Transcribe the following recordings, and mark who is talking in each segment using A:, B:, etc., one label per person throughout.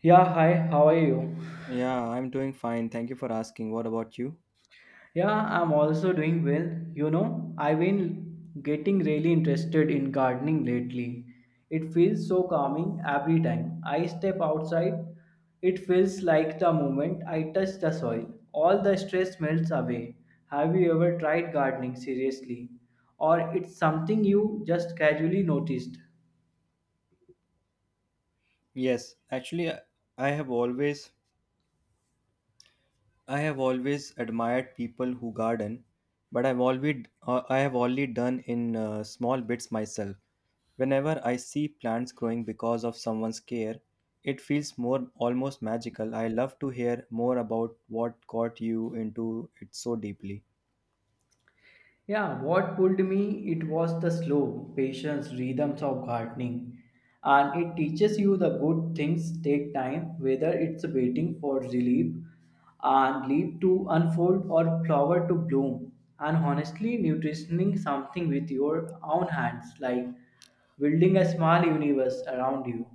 A: Yeah, hi, how are you?
B: Yeah, I'm doing fine. Thank you for asking. What about you?
A: Yeah, I'm also doing well. I've been getting really interested in gardening lately. It feels so calming every time I step outside. It feels like the moment I touch the soil, all the stress melts away. Have you ever tried gardening seriously? Or it's something you just casually noticed?
B: Yes, actually, I have always I have always admired people who garden, but I've always I have only done in small bits myself. Whenever I see plants growing because of someone's care, it feels more almost magical. I love to hear more about what got you into it so deeply.
A: Yeah, what pulled me it was the slow, patience, rhythms of gardening. And it teaches you the good things take time, whether it's waiting for relief and leaf to unfold or flower to bloom. And honestly, nutritioning something with your own hands, like building a small universe around you.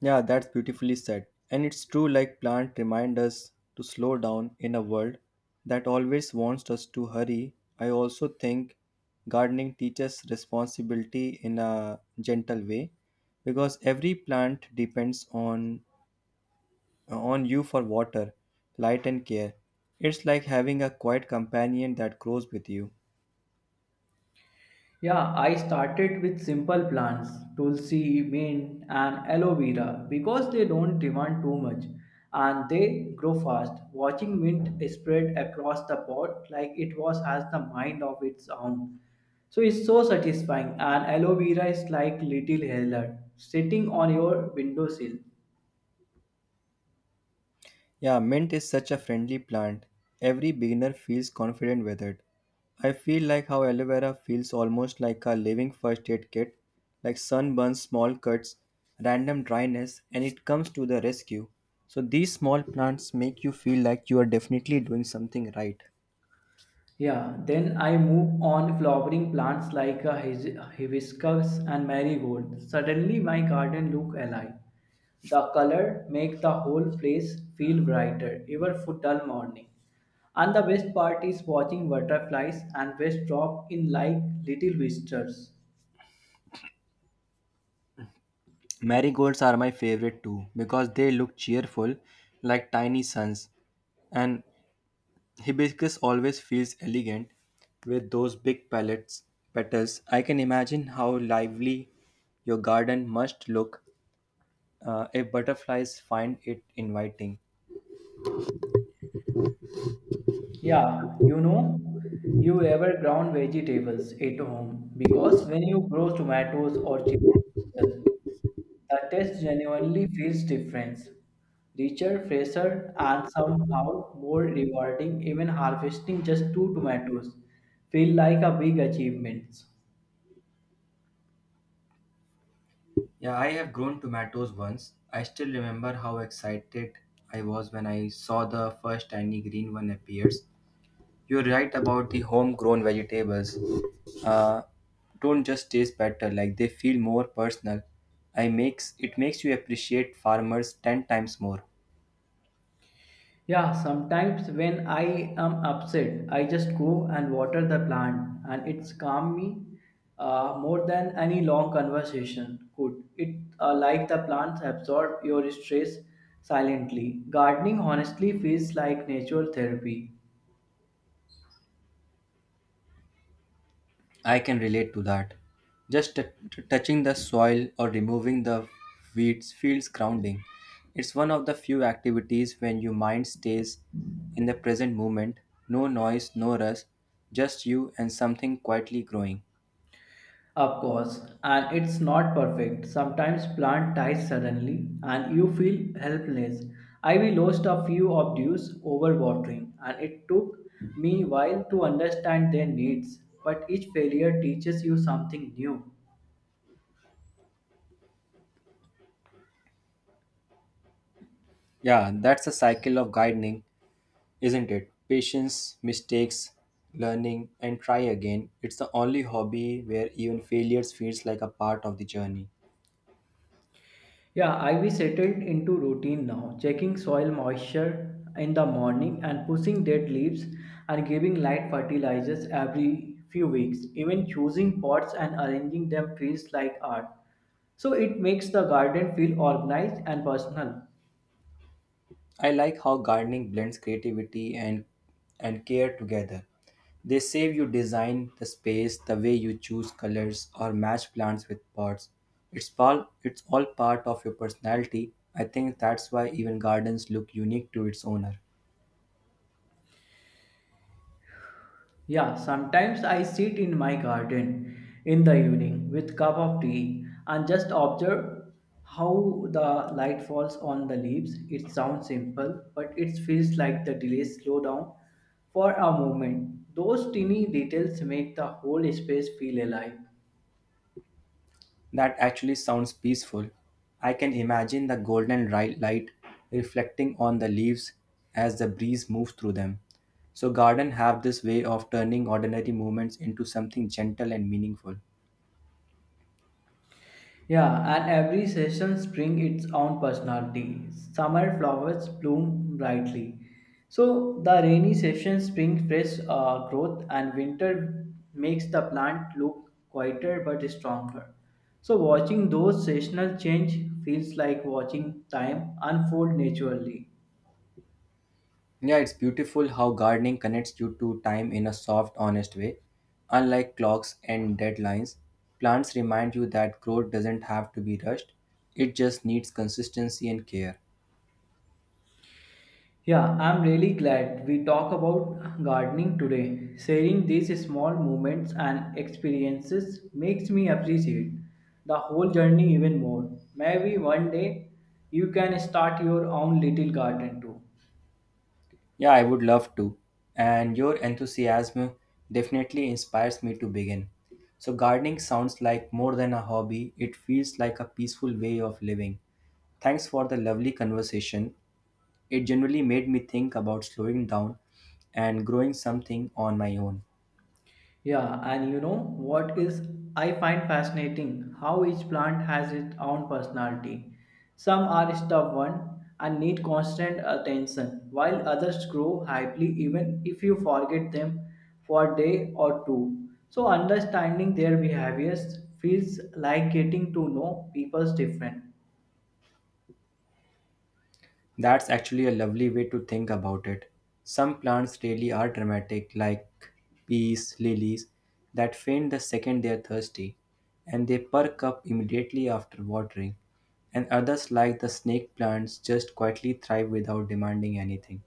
B: Yeah, that's beautifully said. And it's true, like plants remind us to slow down in a world that always wants us to hurry. I also think gardening teaches responsibility in a gentle way because every plant depends on you for water, light and care. It's like having a quiet companion that grows with you.
A: Yeah, I started with simple plants, tulsi, mint, and aloe vera because they don't demand too much and they grow fast. Watching mint spread across the pot like it was as the mind of its own. So it's so satisfying and aloe vera is like little healer sitting on your windowsill.
B: Yeah, mint is such a friendly plant. Every beginner feels confident with it. I feel like how aloe vera feels almost like a living first aid kit, like sunburns, small cuts, random dryness, and it comes to the rescue. So these small plants make you feel like you are definitely doing something right.
A: Yeah, then I move on flowering plants like a hibiscus and marigold. Suddenly my garden look alive. The color make the whole place feel brighter even for dull morning. And the best part is watching butterflies and waste drop in like little whiskers.
B: Marigolds are my favorite too because they look cheerful like tiny suns and Hibiscus always feels elegant with those big palettes, petals. I can imagine how lively your garden must look if butterflies find it inviting.
A: Yeah, you ever ground vegetables at home because when you grow tomatoes or chili, the taste genuinely feels different, richer, fresher, and somehow more rewarding. Even harvesting just two tomatoes feel like a big achievement.
B: Yeah, I have grown tomatoes once. I still remember how excited I was when I saw the first tiny green one appears. You're right about the homegrown vegetables. Uh, don't just taste better, like they feel more personal. I makes it makes you appreciate farmers ten times more.
A: Yeah, sometimes when I am upset, I just go and water the plant, and it's calm me more than any long conversation could. It like the plants absorb your stress silently. Gardening honestly feels like natural therapy.
B: I can relate to that. Just touching the soil or removing the weeds feels grounding. It's one of the few activities when your mind stays in the present moment, no noise, no rush, just you and something quietly growing.
A: Of course, and it's not perfect. Sometimes plant dies suddenly and you feel helpless. I we lost a few of dues over watering and it took me while to understand their needs, but each failure teaches you something new.
B: Yeah, that's a cycle of gardening, isn't it? Patience, mistakes, learning, and try again. It's the only hobby where even failures feels like a part of the journey.
A: Yeah, I Ivy settled into routine now, checking soil moisture in the morning and pushing dead leaves and giving light fertilizers every few weeks. Even choosing pots and arranging them feels like art. So it makes the garden feel organized and personal.
B: I like how gardening blends creativity and care together. They save you design the space, the way you choose colors or match plants with pots. It's all part of your personality. I think that's why even gardens look unique to its owner.
A: Yeah, sometimes I sit in my garden in the evening with cup of tea and just observe how the light falls on the leaves. It sounds simple, but it feels like the delays slow down for a moment. Those tiny details make the whole space feel alive.
B: That actually sounds peaceful. I can imagine the golden light reflecting on the leaves as the breeze moves through them. So garden have this way of turning ordinary moments into something gentle and meaningful.
A: Yeah, and every season brings its own personality. Summer flowers bloom brightly. So the rainy seasons bring fresh growth and winter makes the plant look quieter but stronger. So watching those seasonal change feels like watching time unfold naturally.
B: Yeah, it's beautiful how gardening connects you to time in a soft, honest way. Unlike clocks and deadlines, plants remind you that growth doesn't have to be rushed, it just needs consistency and care.
A: Yeah, I'm really glad we talk about gardening today. Sharing these small moments and experiences makes me appreciate the whole journey even more. Maybe one day you can start your own little garden too.
B: Yeah, I would love to. And your enthusiasm definitely inspires me to begin. So, gardening sounds like more than a hobby, it feels like a peaceful way of living. Thanks for the lovely conversation. It generally made me think about slowing down and growing something on my own.
A: Yeah, and you know what is I find fascinating how each plant has its own personality. Some are stubborn and need constant attention, while others grow happily even if you forget them for a day or two. So understanding their behaviors feels like getting to know people's different.
B: That's actually a lovely way to think about it. Some plants really are dramatic, like peas, lilies, that faint the second they are thirsty, and they perk up immediately after watering. And others, like the snake plants, just quietly thrive without demanding anything.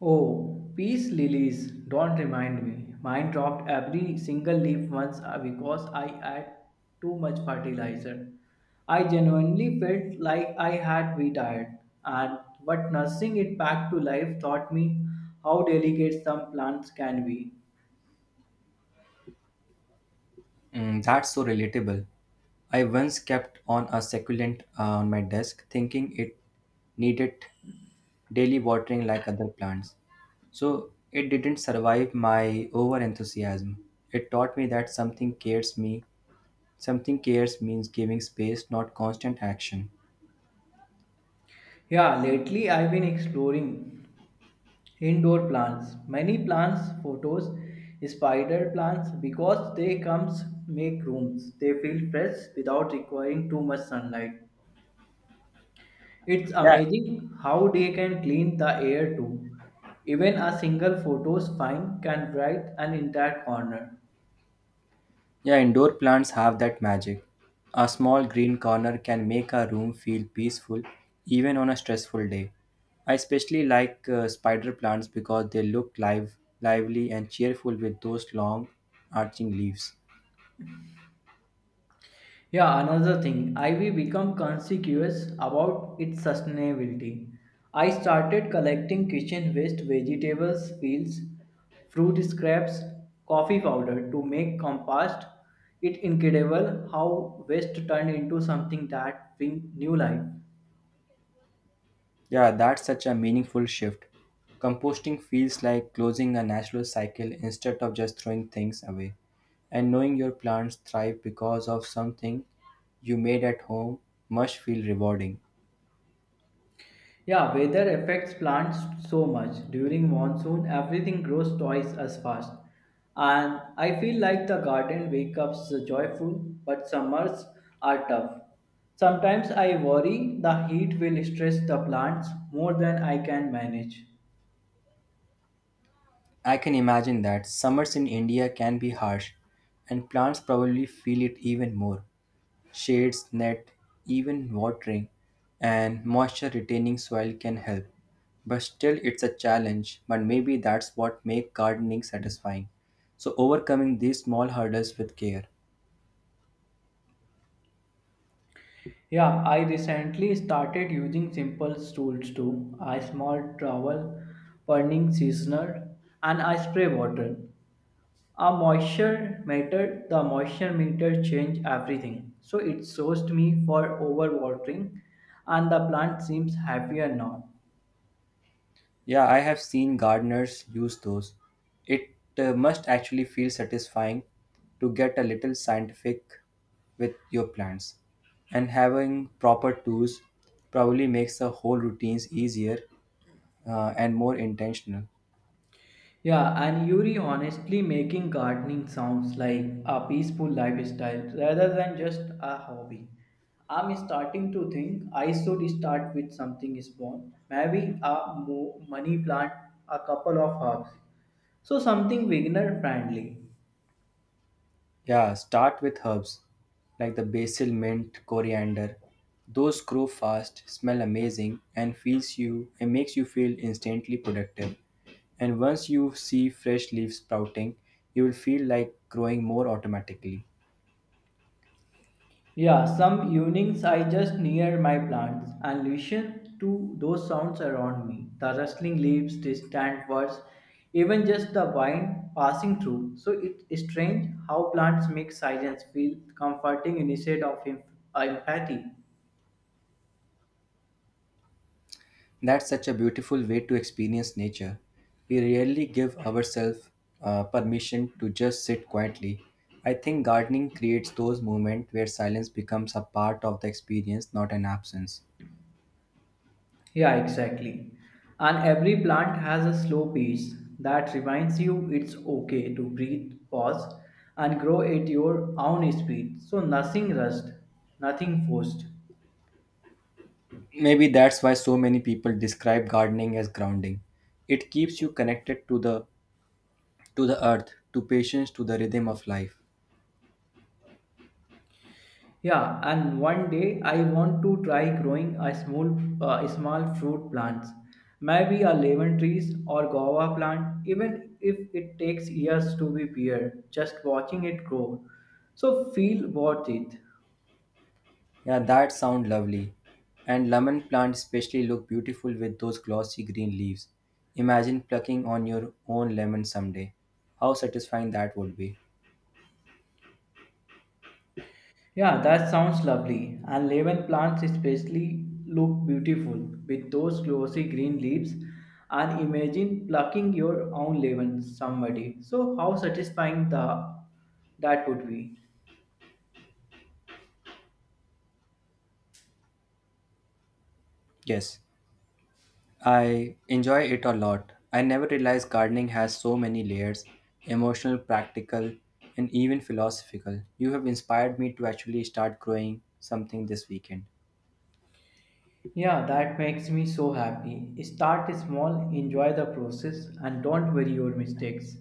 A: Oh, peace lilies, don't remind me. Mine dropped every single leaf once because I add too much fertilizer. I genuinely felt like I had retired, and but nursing it back to life taught me how delicate some plants can be.
B: Mm, that's so relatable. I once kept on a succulent on my desk thinking it needed daily watering like other plants. So it didn't survive my over enthusiasm. It taught me that something cares me, something cares means giving space, not constant action.
A: Yeah, lately I've been exploring indoor plants, many plants, photos, spider plants because they comes make rooms. They feel fresh without requiring too much sunlight. It's
B: Yeah,
A: amazing how they can clean the air too. Even a single photo's fine can bright an entire corner.
B: yeah, indoor plants have that magic. A small green corner can make a room feel peaceful even on a stressful day. I especially like spider plants because they look live, lively and cheerful with those long arching leaves.
A: Yeah, another thing, I will become conscious about its sustainability. I started collecting kitchen waste, vegetables, peels, fruit scraps, coffee powder to make compost. It's incredible how waste turned into something that brings new life.
B: Yeah, that's such a meaningful shift. Composting feels like closing a natural cycle instead of just throwing things away. And knowing your plants thrive because of something you made at home must feel rewarding.
A: Yeah, weather affects plants so much. During monsoon, everything grows twice as fast. And I feel like the garden wake up joyful, but summers are tough. Sometimes I worry the heat will stress the plants more than I can manage.
B: I can imagine that summers in India can be harsh, and plants probably feel it even more. Shades, net, even watering, and moisture retaining soil can help. But still, it's a challenge, but maybe that's what makes gardening satisfying. So, overcoming these small hurdles with care.
A: Yeah, I recently started using simple tools too. A small trowel, burning seasoner, and I spray water. The moisture meter changed everything. So it sourced me for overwatering and the plant seems happier now.
B: Yeah, I have seen gardeners use those. It must actually feel satisfying to get a little scientific with your plants. And having proper tools probably makes the whole routines easier and more intentional.
A: Yeah, and Yuri honestly making gardening sounds like a peaceful lifestyle rather than just a hobby. I'm starting to think I should start with something small, maybe a money plant, a couple of herbs. So something beginner friendly.
B: Yeah, start with herbs like the basil, mint, coriander. Those grow fast, smell amazing, and feels you and makes you feel instantly productive. And once you see fresh leaves sprouting, you will feel like growing more automatically.
A: Yeah, some evenings I just near my plants and listen to those sounds around me. The rustling leaves, distant birds, even just the wind passing through. So it's strange how plants make silence feel comforting instead of empathy.
B: That's such a beautiful way to experience nature. We rarely give ourselves permission to just sit quietly. I think gardening creates those moments where silence becomes a part of the experience, not an absence.
A: Yeah, exactly. And every plant has a slow pace that reminds you it's okay to breathe, pause, and grow at your own speed. So nothing rushed, nothing forced.
B: Maybe that's why so many people describe gardening as grounding. It keeps you connected to the earth, to patience, to the rhythm of life.
A: Yeah, and one day I want to try growing a small fruit plants, maybe a lemon trees or guava plant, even if it takes years to be beer, just watching it grow. So feel worth it.
B: Yeah, that sound lovely. And lemon plants especially look beautiful with those glossy green leaves. Imagine plucking on your own lemon someday. How satisfying that would be.
A: Yeah, that sounds lovely. And lemon plants especially look beautiful with those glossy green leaves. And imagine plucking your own lemon, somebody. So how satisfying the that would be.
B: Yes. I enjoy it a lot. I never realized gardening has so many layers emotional, practical, and even philosophical. You have inspired me to actually start growing something this weekend.
A: Yeah, that makes me so happy. Start small, enjoy the process, and don't worry your mistakes.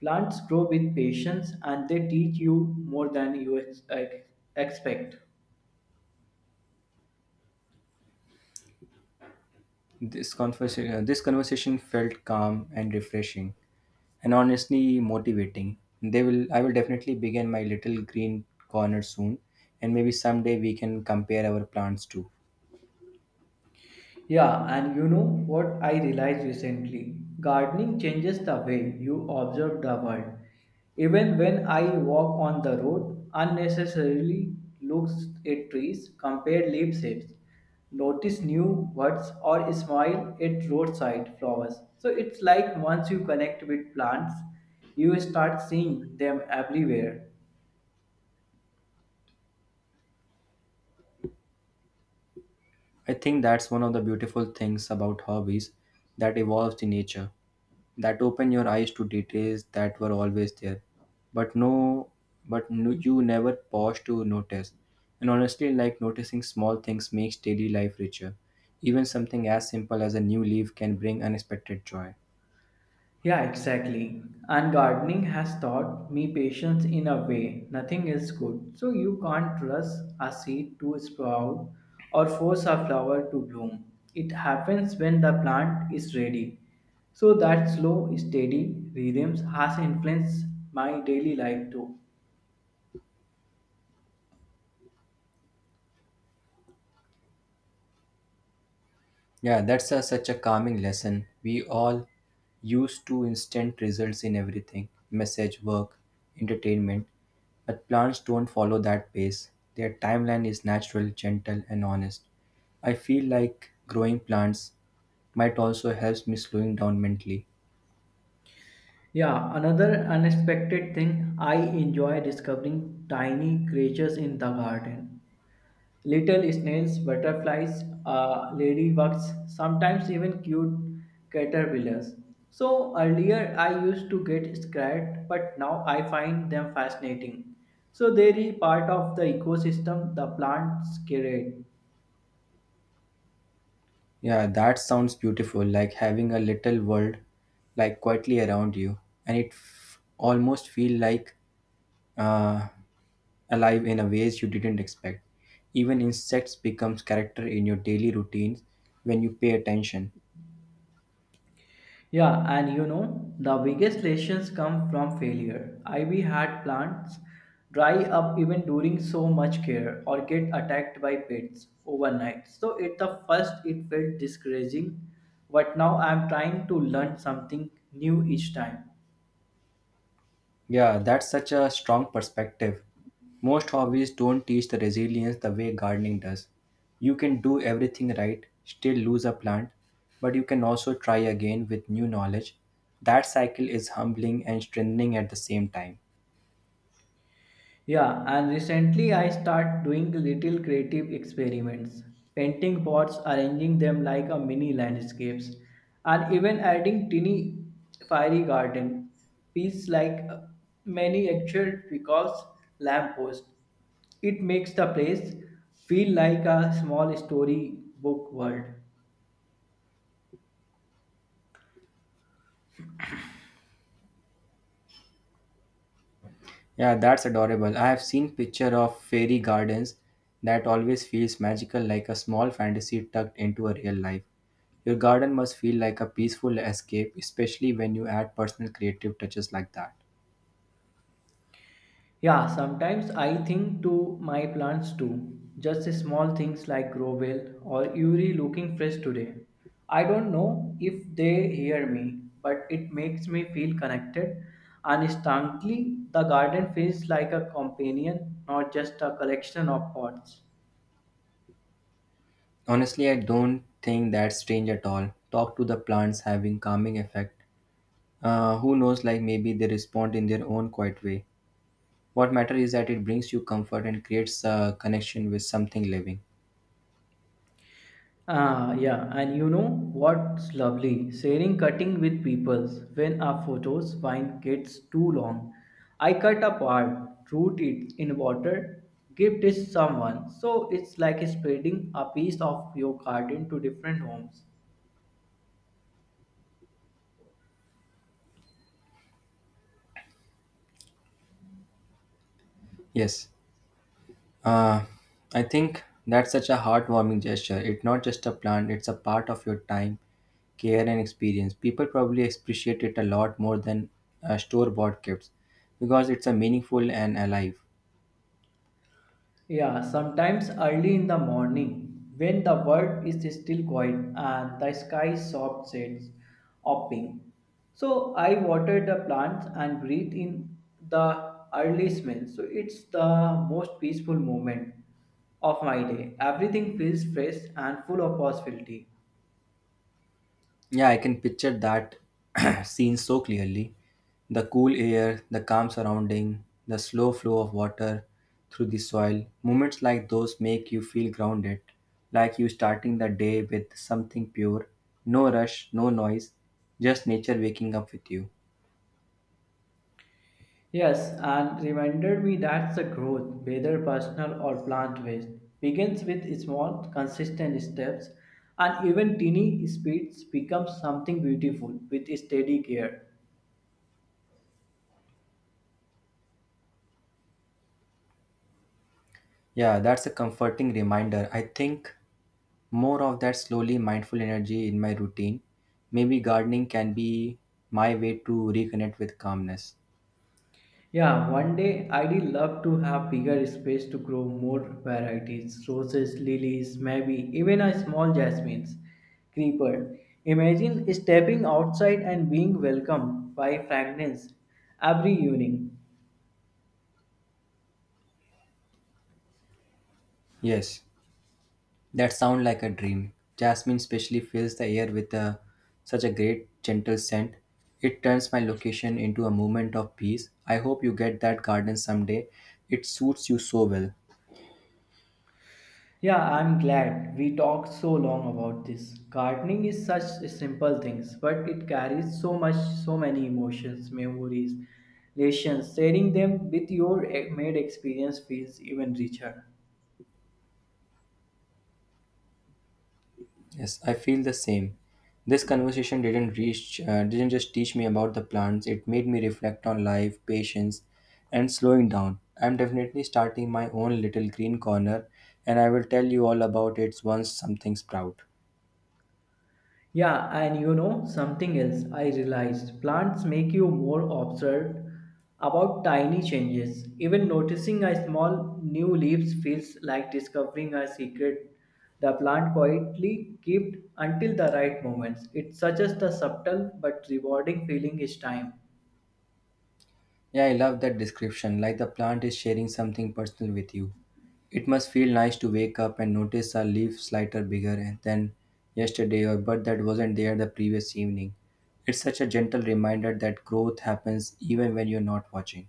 A: Plants grow with patience and they teach you more than you expect.
B: This conversation felt calm and refreshing, and honestly motivating. I will definitely begin my little green corner soon, and maybe someday we can compare our plants too.
A: Yeah, and you know what I realized recently? Gardening changes the way you observe the world. Even when I walk on the road, unnecessarily looks at trees, compare leaf shapes, notice new words, or smile at roadside flowers. So it's like once you connect with plants, you start seeing them everywhere.
B: I think that's one of the beautiful things about hobbies that evolves in nature that open your eyes to details that were always there but no but no, you never pause to notice and honestly like noticing small things makes daily life richer even something as simple as a new leaf can bring unexpected joy.
A: Yeah, exactly. And gardening has taught me patience in a way nothing else could. So you can't rush a seed to sprout or force a flower to bloom. It happens when the plant is ready. So that slow, steady rhythms has influenced my daily life too.
B: Yeah, that's a, such a calming lesson. We all used to instant results in everything message, work, entertainment. But plants don't follow that pace. Their timeline is natural, gentle, and honest. I feel like growing plants might also help me slowing down mentally.
A: Yeah, another unexpected thing I enjoy discovering tiny creatures in the garden. Little snails, butterflies, ladybugs, sometimes even cute caterpillars. So earlier I used to get scared, but now I find them fascinating. So they are part of the ecosystem the plants create.
B: Yeah, that sounds beautiful, like having a little world like quietly around you, and almost feel like uh, alive in a ways you didn't expect. Even insects becomes character in your daily routines when you pay attention.
A: Yeah, and the biggest lessons come from failure. Ivy had plants dry up even during so much care or get attacked by pests overnight. So at the first it felt discouraging, but now I'm trying to learn something new each time.
B: Yeah, that's such a strong perspective. Most hobbies don't teach the resilience the way gardening does. You can do everything right, still lose a plant, but you can also try again with new knowledge. That cycle is humbling and strengthening at the same time.
A: Yeah, and recently I start doing little creative experiments, painting pots, arranging them like a mini landscapes, and even adding tiny fiery garden piece like many actual because lamppost. It makes the place feel like a small story book world.
B: Yeah, that's adorable. I have seen picture of fairy gardens that always feels magical like a small fantasy tucked into a real life. Your garden must feel like a peaceful escape, especially when you add personal creative touches like that.
A: Yeah, sometimes I think to my plants too. Just small things like grow well or Yuri looking fresh today. I don't know if they hear me, but it makes me feel connected. And instantly, the garden feels like a companion, not just a collection of pots.
B: Honestly, I don't think that's strange at all. Talk to the plants having calming effect. Who knows, like maybe they respond in their own quiet way. What matter is that it brings you comfort and creates a connection with something living.
A: Ah, yeah, and you know what's lovely? Sharing cutting with peoples when our photos vine gets too long. I cut a part, root it in water, give it someone. So it's like spreading a piece of your garden to different homes.
B: Yes. Uh, I think that's such a heartwarming gesture. It's not just a plant, it's a part of your time, care, and experience. People probably appreciate it a lot more than store bought gifts because it's a meaningful and alive.
A: Yeah, sometimes early in the morning, when the world is still quiet and the sky soft shades of pink. So I water the plants and breathe in the early smell. So it's the most peaceful moment of my day. Everything feels fresh and full of possibility.
B: Yeah, I can picture that scene so clearly. The cool air, the calm surrounding, the slow flow of water through the soil. Moments like those make you feel grounded, like you starting the day with something pure, no rush, no noise, just nature waking up with you.
A: Yes, and reminded me that the growth, whether personal or plant based, begins with small, consistent steps, and even teeny speeds become something beautiful with steady care.
B: Yeah, that's a comforting reminder. I think more of that slowly mindful energy in my routine. Maybe gardening can be my way to reconnect with calmness.
A: Yeah, one day I'd love to have bigger space to grow more varieties, roses, lilies, maybe even a small jasmines creeper. Imagine stepping outside and being welcomed by fragrance every evening.
B: Yes. That sound like a dream. Jasmine especially fills the air with a, such a great gentle scent. It turns my location into a moment of peace. I hope you get that garden someday. It suits you so well.
A: Yeah, I'm glad we talked so long about this. Gardening is such simple things, but it carries so much, so many emotions, memories, relations. Sharing them with your made experience feels even richer.
B: Yes, I feel the same. This conversation didn't just teach me about the plants. It made me reflect on life, patience, and slowing down. I'm definitely starting my own little green corner and I will tell you all about it once something sprout.
A: Yeah, and you know something else I realized plants make you more observant about tiny changes. Even noticing a small new leaves feels like discovering a secret the plant quietly kept until the right moments. It's such as the subtle but rewarding feeling is time.
B: Yeah, I love that description, like the plant is sharing something personal with you. It must feel nice to wake up and notice a leaf slighter bigger and than yesterday or bud that wasn't there the previous evening. It's such a gentle reminder that growth happens even when you're not watching.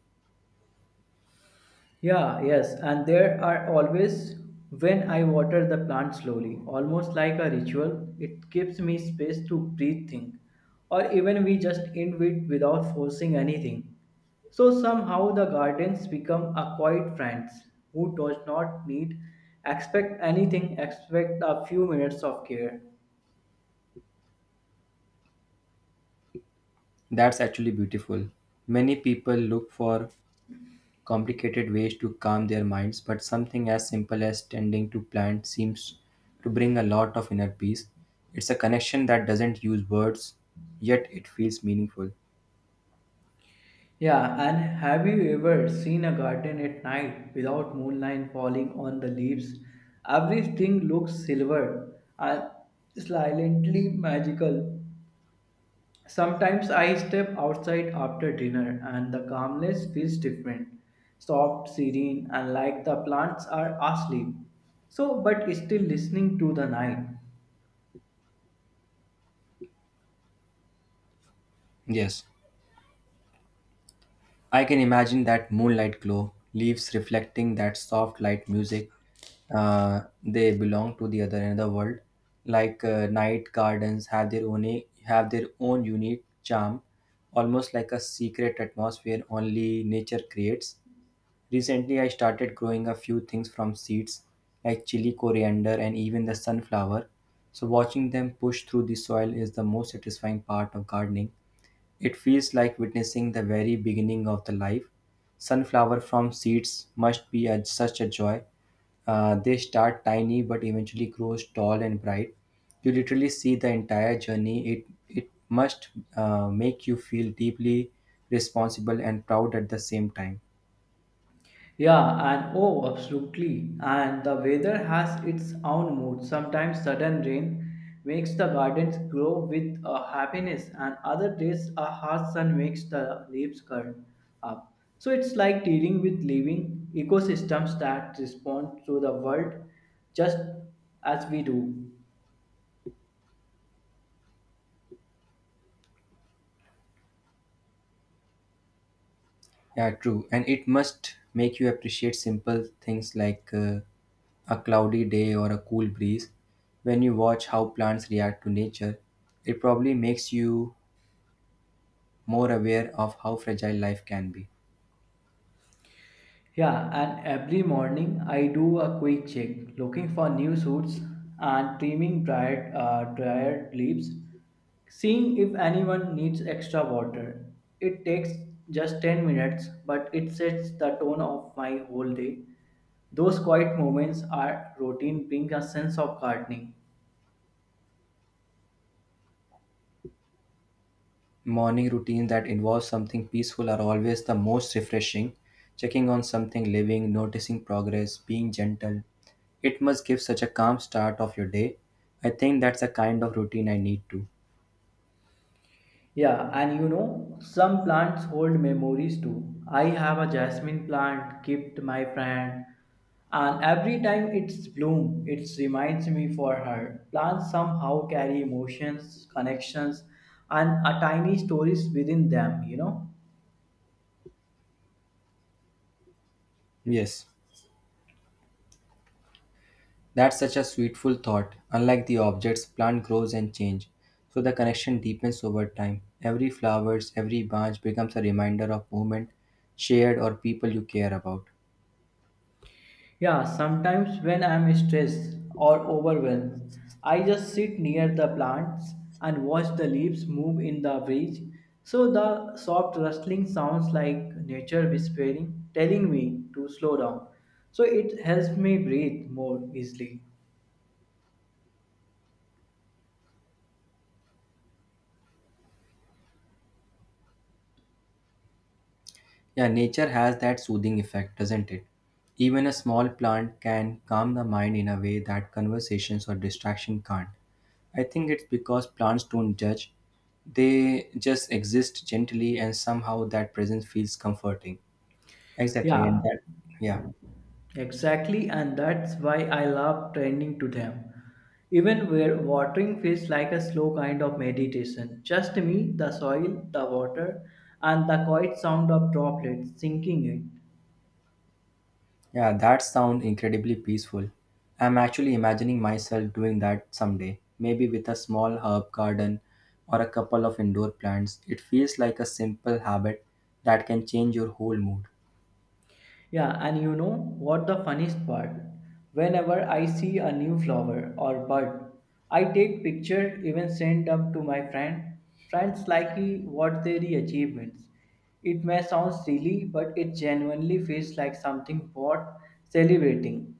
A: Yeah, yes, and there are always when I water the plant slowly, almost like a ritual, it gives me space to breathe, think, or even we just end it without forcing anything. So somehow the gardens become a quiet friends who does not need expect anything expect a few minutes of care.
B: That's actually beautiful. Many people look for complicated ways to calm their minds, but something as simple as tending to plant seems to bring a lot of inner peace. It's a connection that doesn't use words, yet it feels meaningful.
A: Yeah, and have you ever seen a garden at night without moonlight falling on the leaves? Everything looks silver and silently magical. Sometimes I step outside after dinner and the calmness feels different, soft, serene, and like the plants are asleep. So, but still listening to the night.
B: Yes, I can imagine that moonlight glow, leaves reflecting that soft light music. They belong to the other another world. Like night gardens have their own unique charm, almost like a secret atmosphere only nature creates. Recently, I started growing a few things from seeds like chili, coriander, and even the sunflower. So, watching them push through the soil is the most satisfying part of gardening. It feels like witnessing the very beginning of the life. Sunflower from seeds must be a, such a joy. They start tiny but eventually grows tall and bright. You literally see the entire journey. It must make you feel deeply responsible and proud at the same time.
A: Yeah, and oh, absolutely. And the weather has its own mood. Sometimes sudden rain makes the gardens grow with a happiness, and other days a hot sun makes the leaves curl up. So it's like dealing with living ecosystems that respond to the world just as we do.
B: Yeah, true. And it must make you appreciate simple things like a cloudy day or a cool breeze. When you watch how plants react to nature, it probably makes you more aware of how fragile life can be.
A: Yeah, and every morning I do a quick check, looking for new suits and trimming dried leaves, seeing if anyone needs extra water. It takes just 10 minutes, but it sets the tone of my whole day. Those quiet moments are routine, bring a sense of gardening.
B: Morning routines that involve something peaceful are always the most refreshing. Checking on something living, noticing progress, being gentle. It must give such a calm start of your day. I think that's the kind of routine I need to.
A: Yeah, and some plants hold memories too. I have a jasmine plant, kept my friend, and every time it's bloom, it reminds me for her. Plants somehow carry emotions, connections, and a tiny stories within them.
B: Yes. That's such a sweetful thought. Unlike the objects, plant grows and change, so the connection deepens over time. Every flowers, every branch becomes a reminder of moment shared or people you care about.
A: Yeah, sometimes when I'm stressed or overwhelmed, I just sit near the plants and watch the leaves move in the breeze. So the soft rustling sounds like nature whispering, telling me to slow down. So it helps me breathe more easily.
B: Yeah, nature has that soothing effect, doesn't it? Even a small plant can calm the mind in a way that conversations or distraction can't. I think it's because plants don't judge. They just exist gently and somehow that presence feels comforting. Exactly, and
A: Yeah,
B: that yeah.
A: exactly, and that's why I love training to them. Even where watering feels like a slow kind of meditation. Just me, the soil, the water, and the quiet sound of droplets sinking it.
B: Yeah, that sounds incredibly peaceful. I'm actually imagining myself doing that someday, maybe with a small herb garden or a couple of indoor plants. It feels like a simple habit that can change your whole mood.
A: Yeah, and you know what the funniest part? Whenever I see a new flower or bud, I take picture, even send up to my friend. Friends like what their achievements. It may sound silly, but it genuinely feels like something worth celebrating.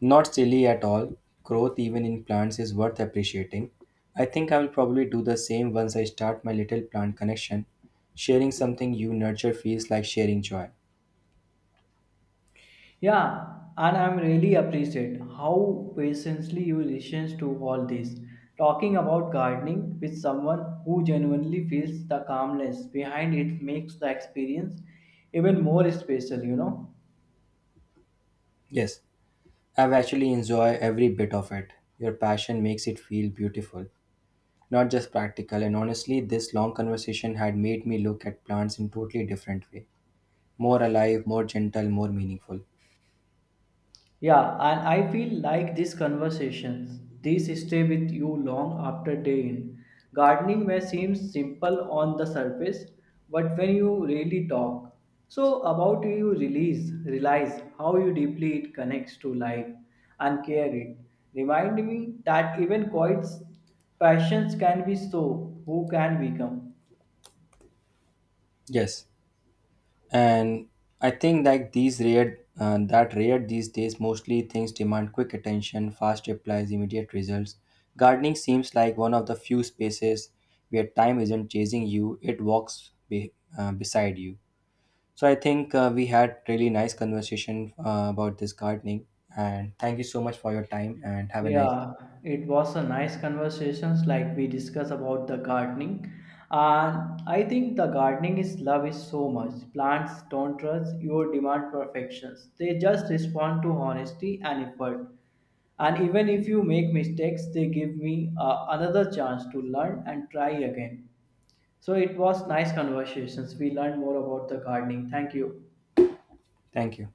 B: Not silly at all. Growth, even in plants, is worth appreciating. I think I will probably do the same once I start my little plant connection. Sharing something you nurture feels like sharing joy.
A: Yeah, and I'm really appreciate how patiently you listen to all this. Talking about gardening with someone who genuinely feels the calmness behind it makes the experience even more special.
B: Yes, I've actually enjoyed every bit of it. Your passion makes it feel beautiful. Not just practical. And honestly, this long conversation had made me look at plants in totally different way. More alive, more gentle, more meaningful.
A: Yeah, and I feel like these conversations, these stay with you long after day in. Gardening may seem simple on the surface, but when you really talk, so about it, you realize how you deeply it connects to life and care it. Remind me that even quiet passions can be so, who can become.
B: Yes. And I think like these rare that rare these days mostly things demand quick attention, fast replies, immediate results. Gardening seems like one of the few spaces where time isn't chasing you, it walks beside you. So I think we had really nice conversation about this gardening and thank you so much for your time and have a nice
A: Yeah, it was a nice conversations like we discuss about the gardening. And I think the gardening is love is so much. Plants don't trust your demand perfections. They just respond to honesty and effort. And even if you make mistakes, they give me another chance to learn and try again. So it was nice conversations. We learned more about the gardening. Thank you.
B: Thank you.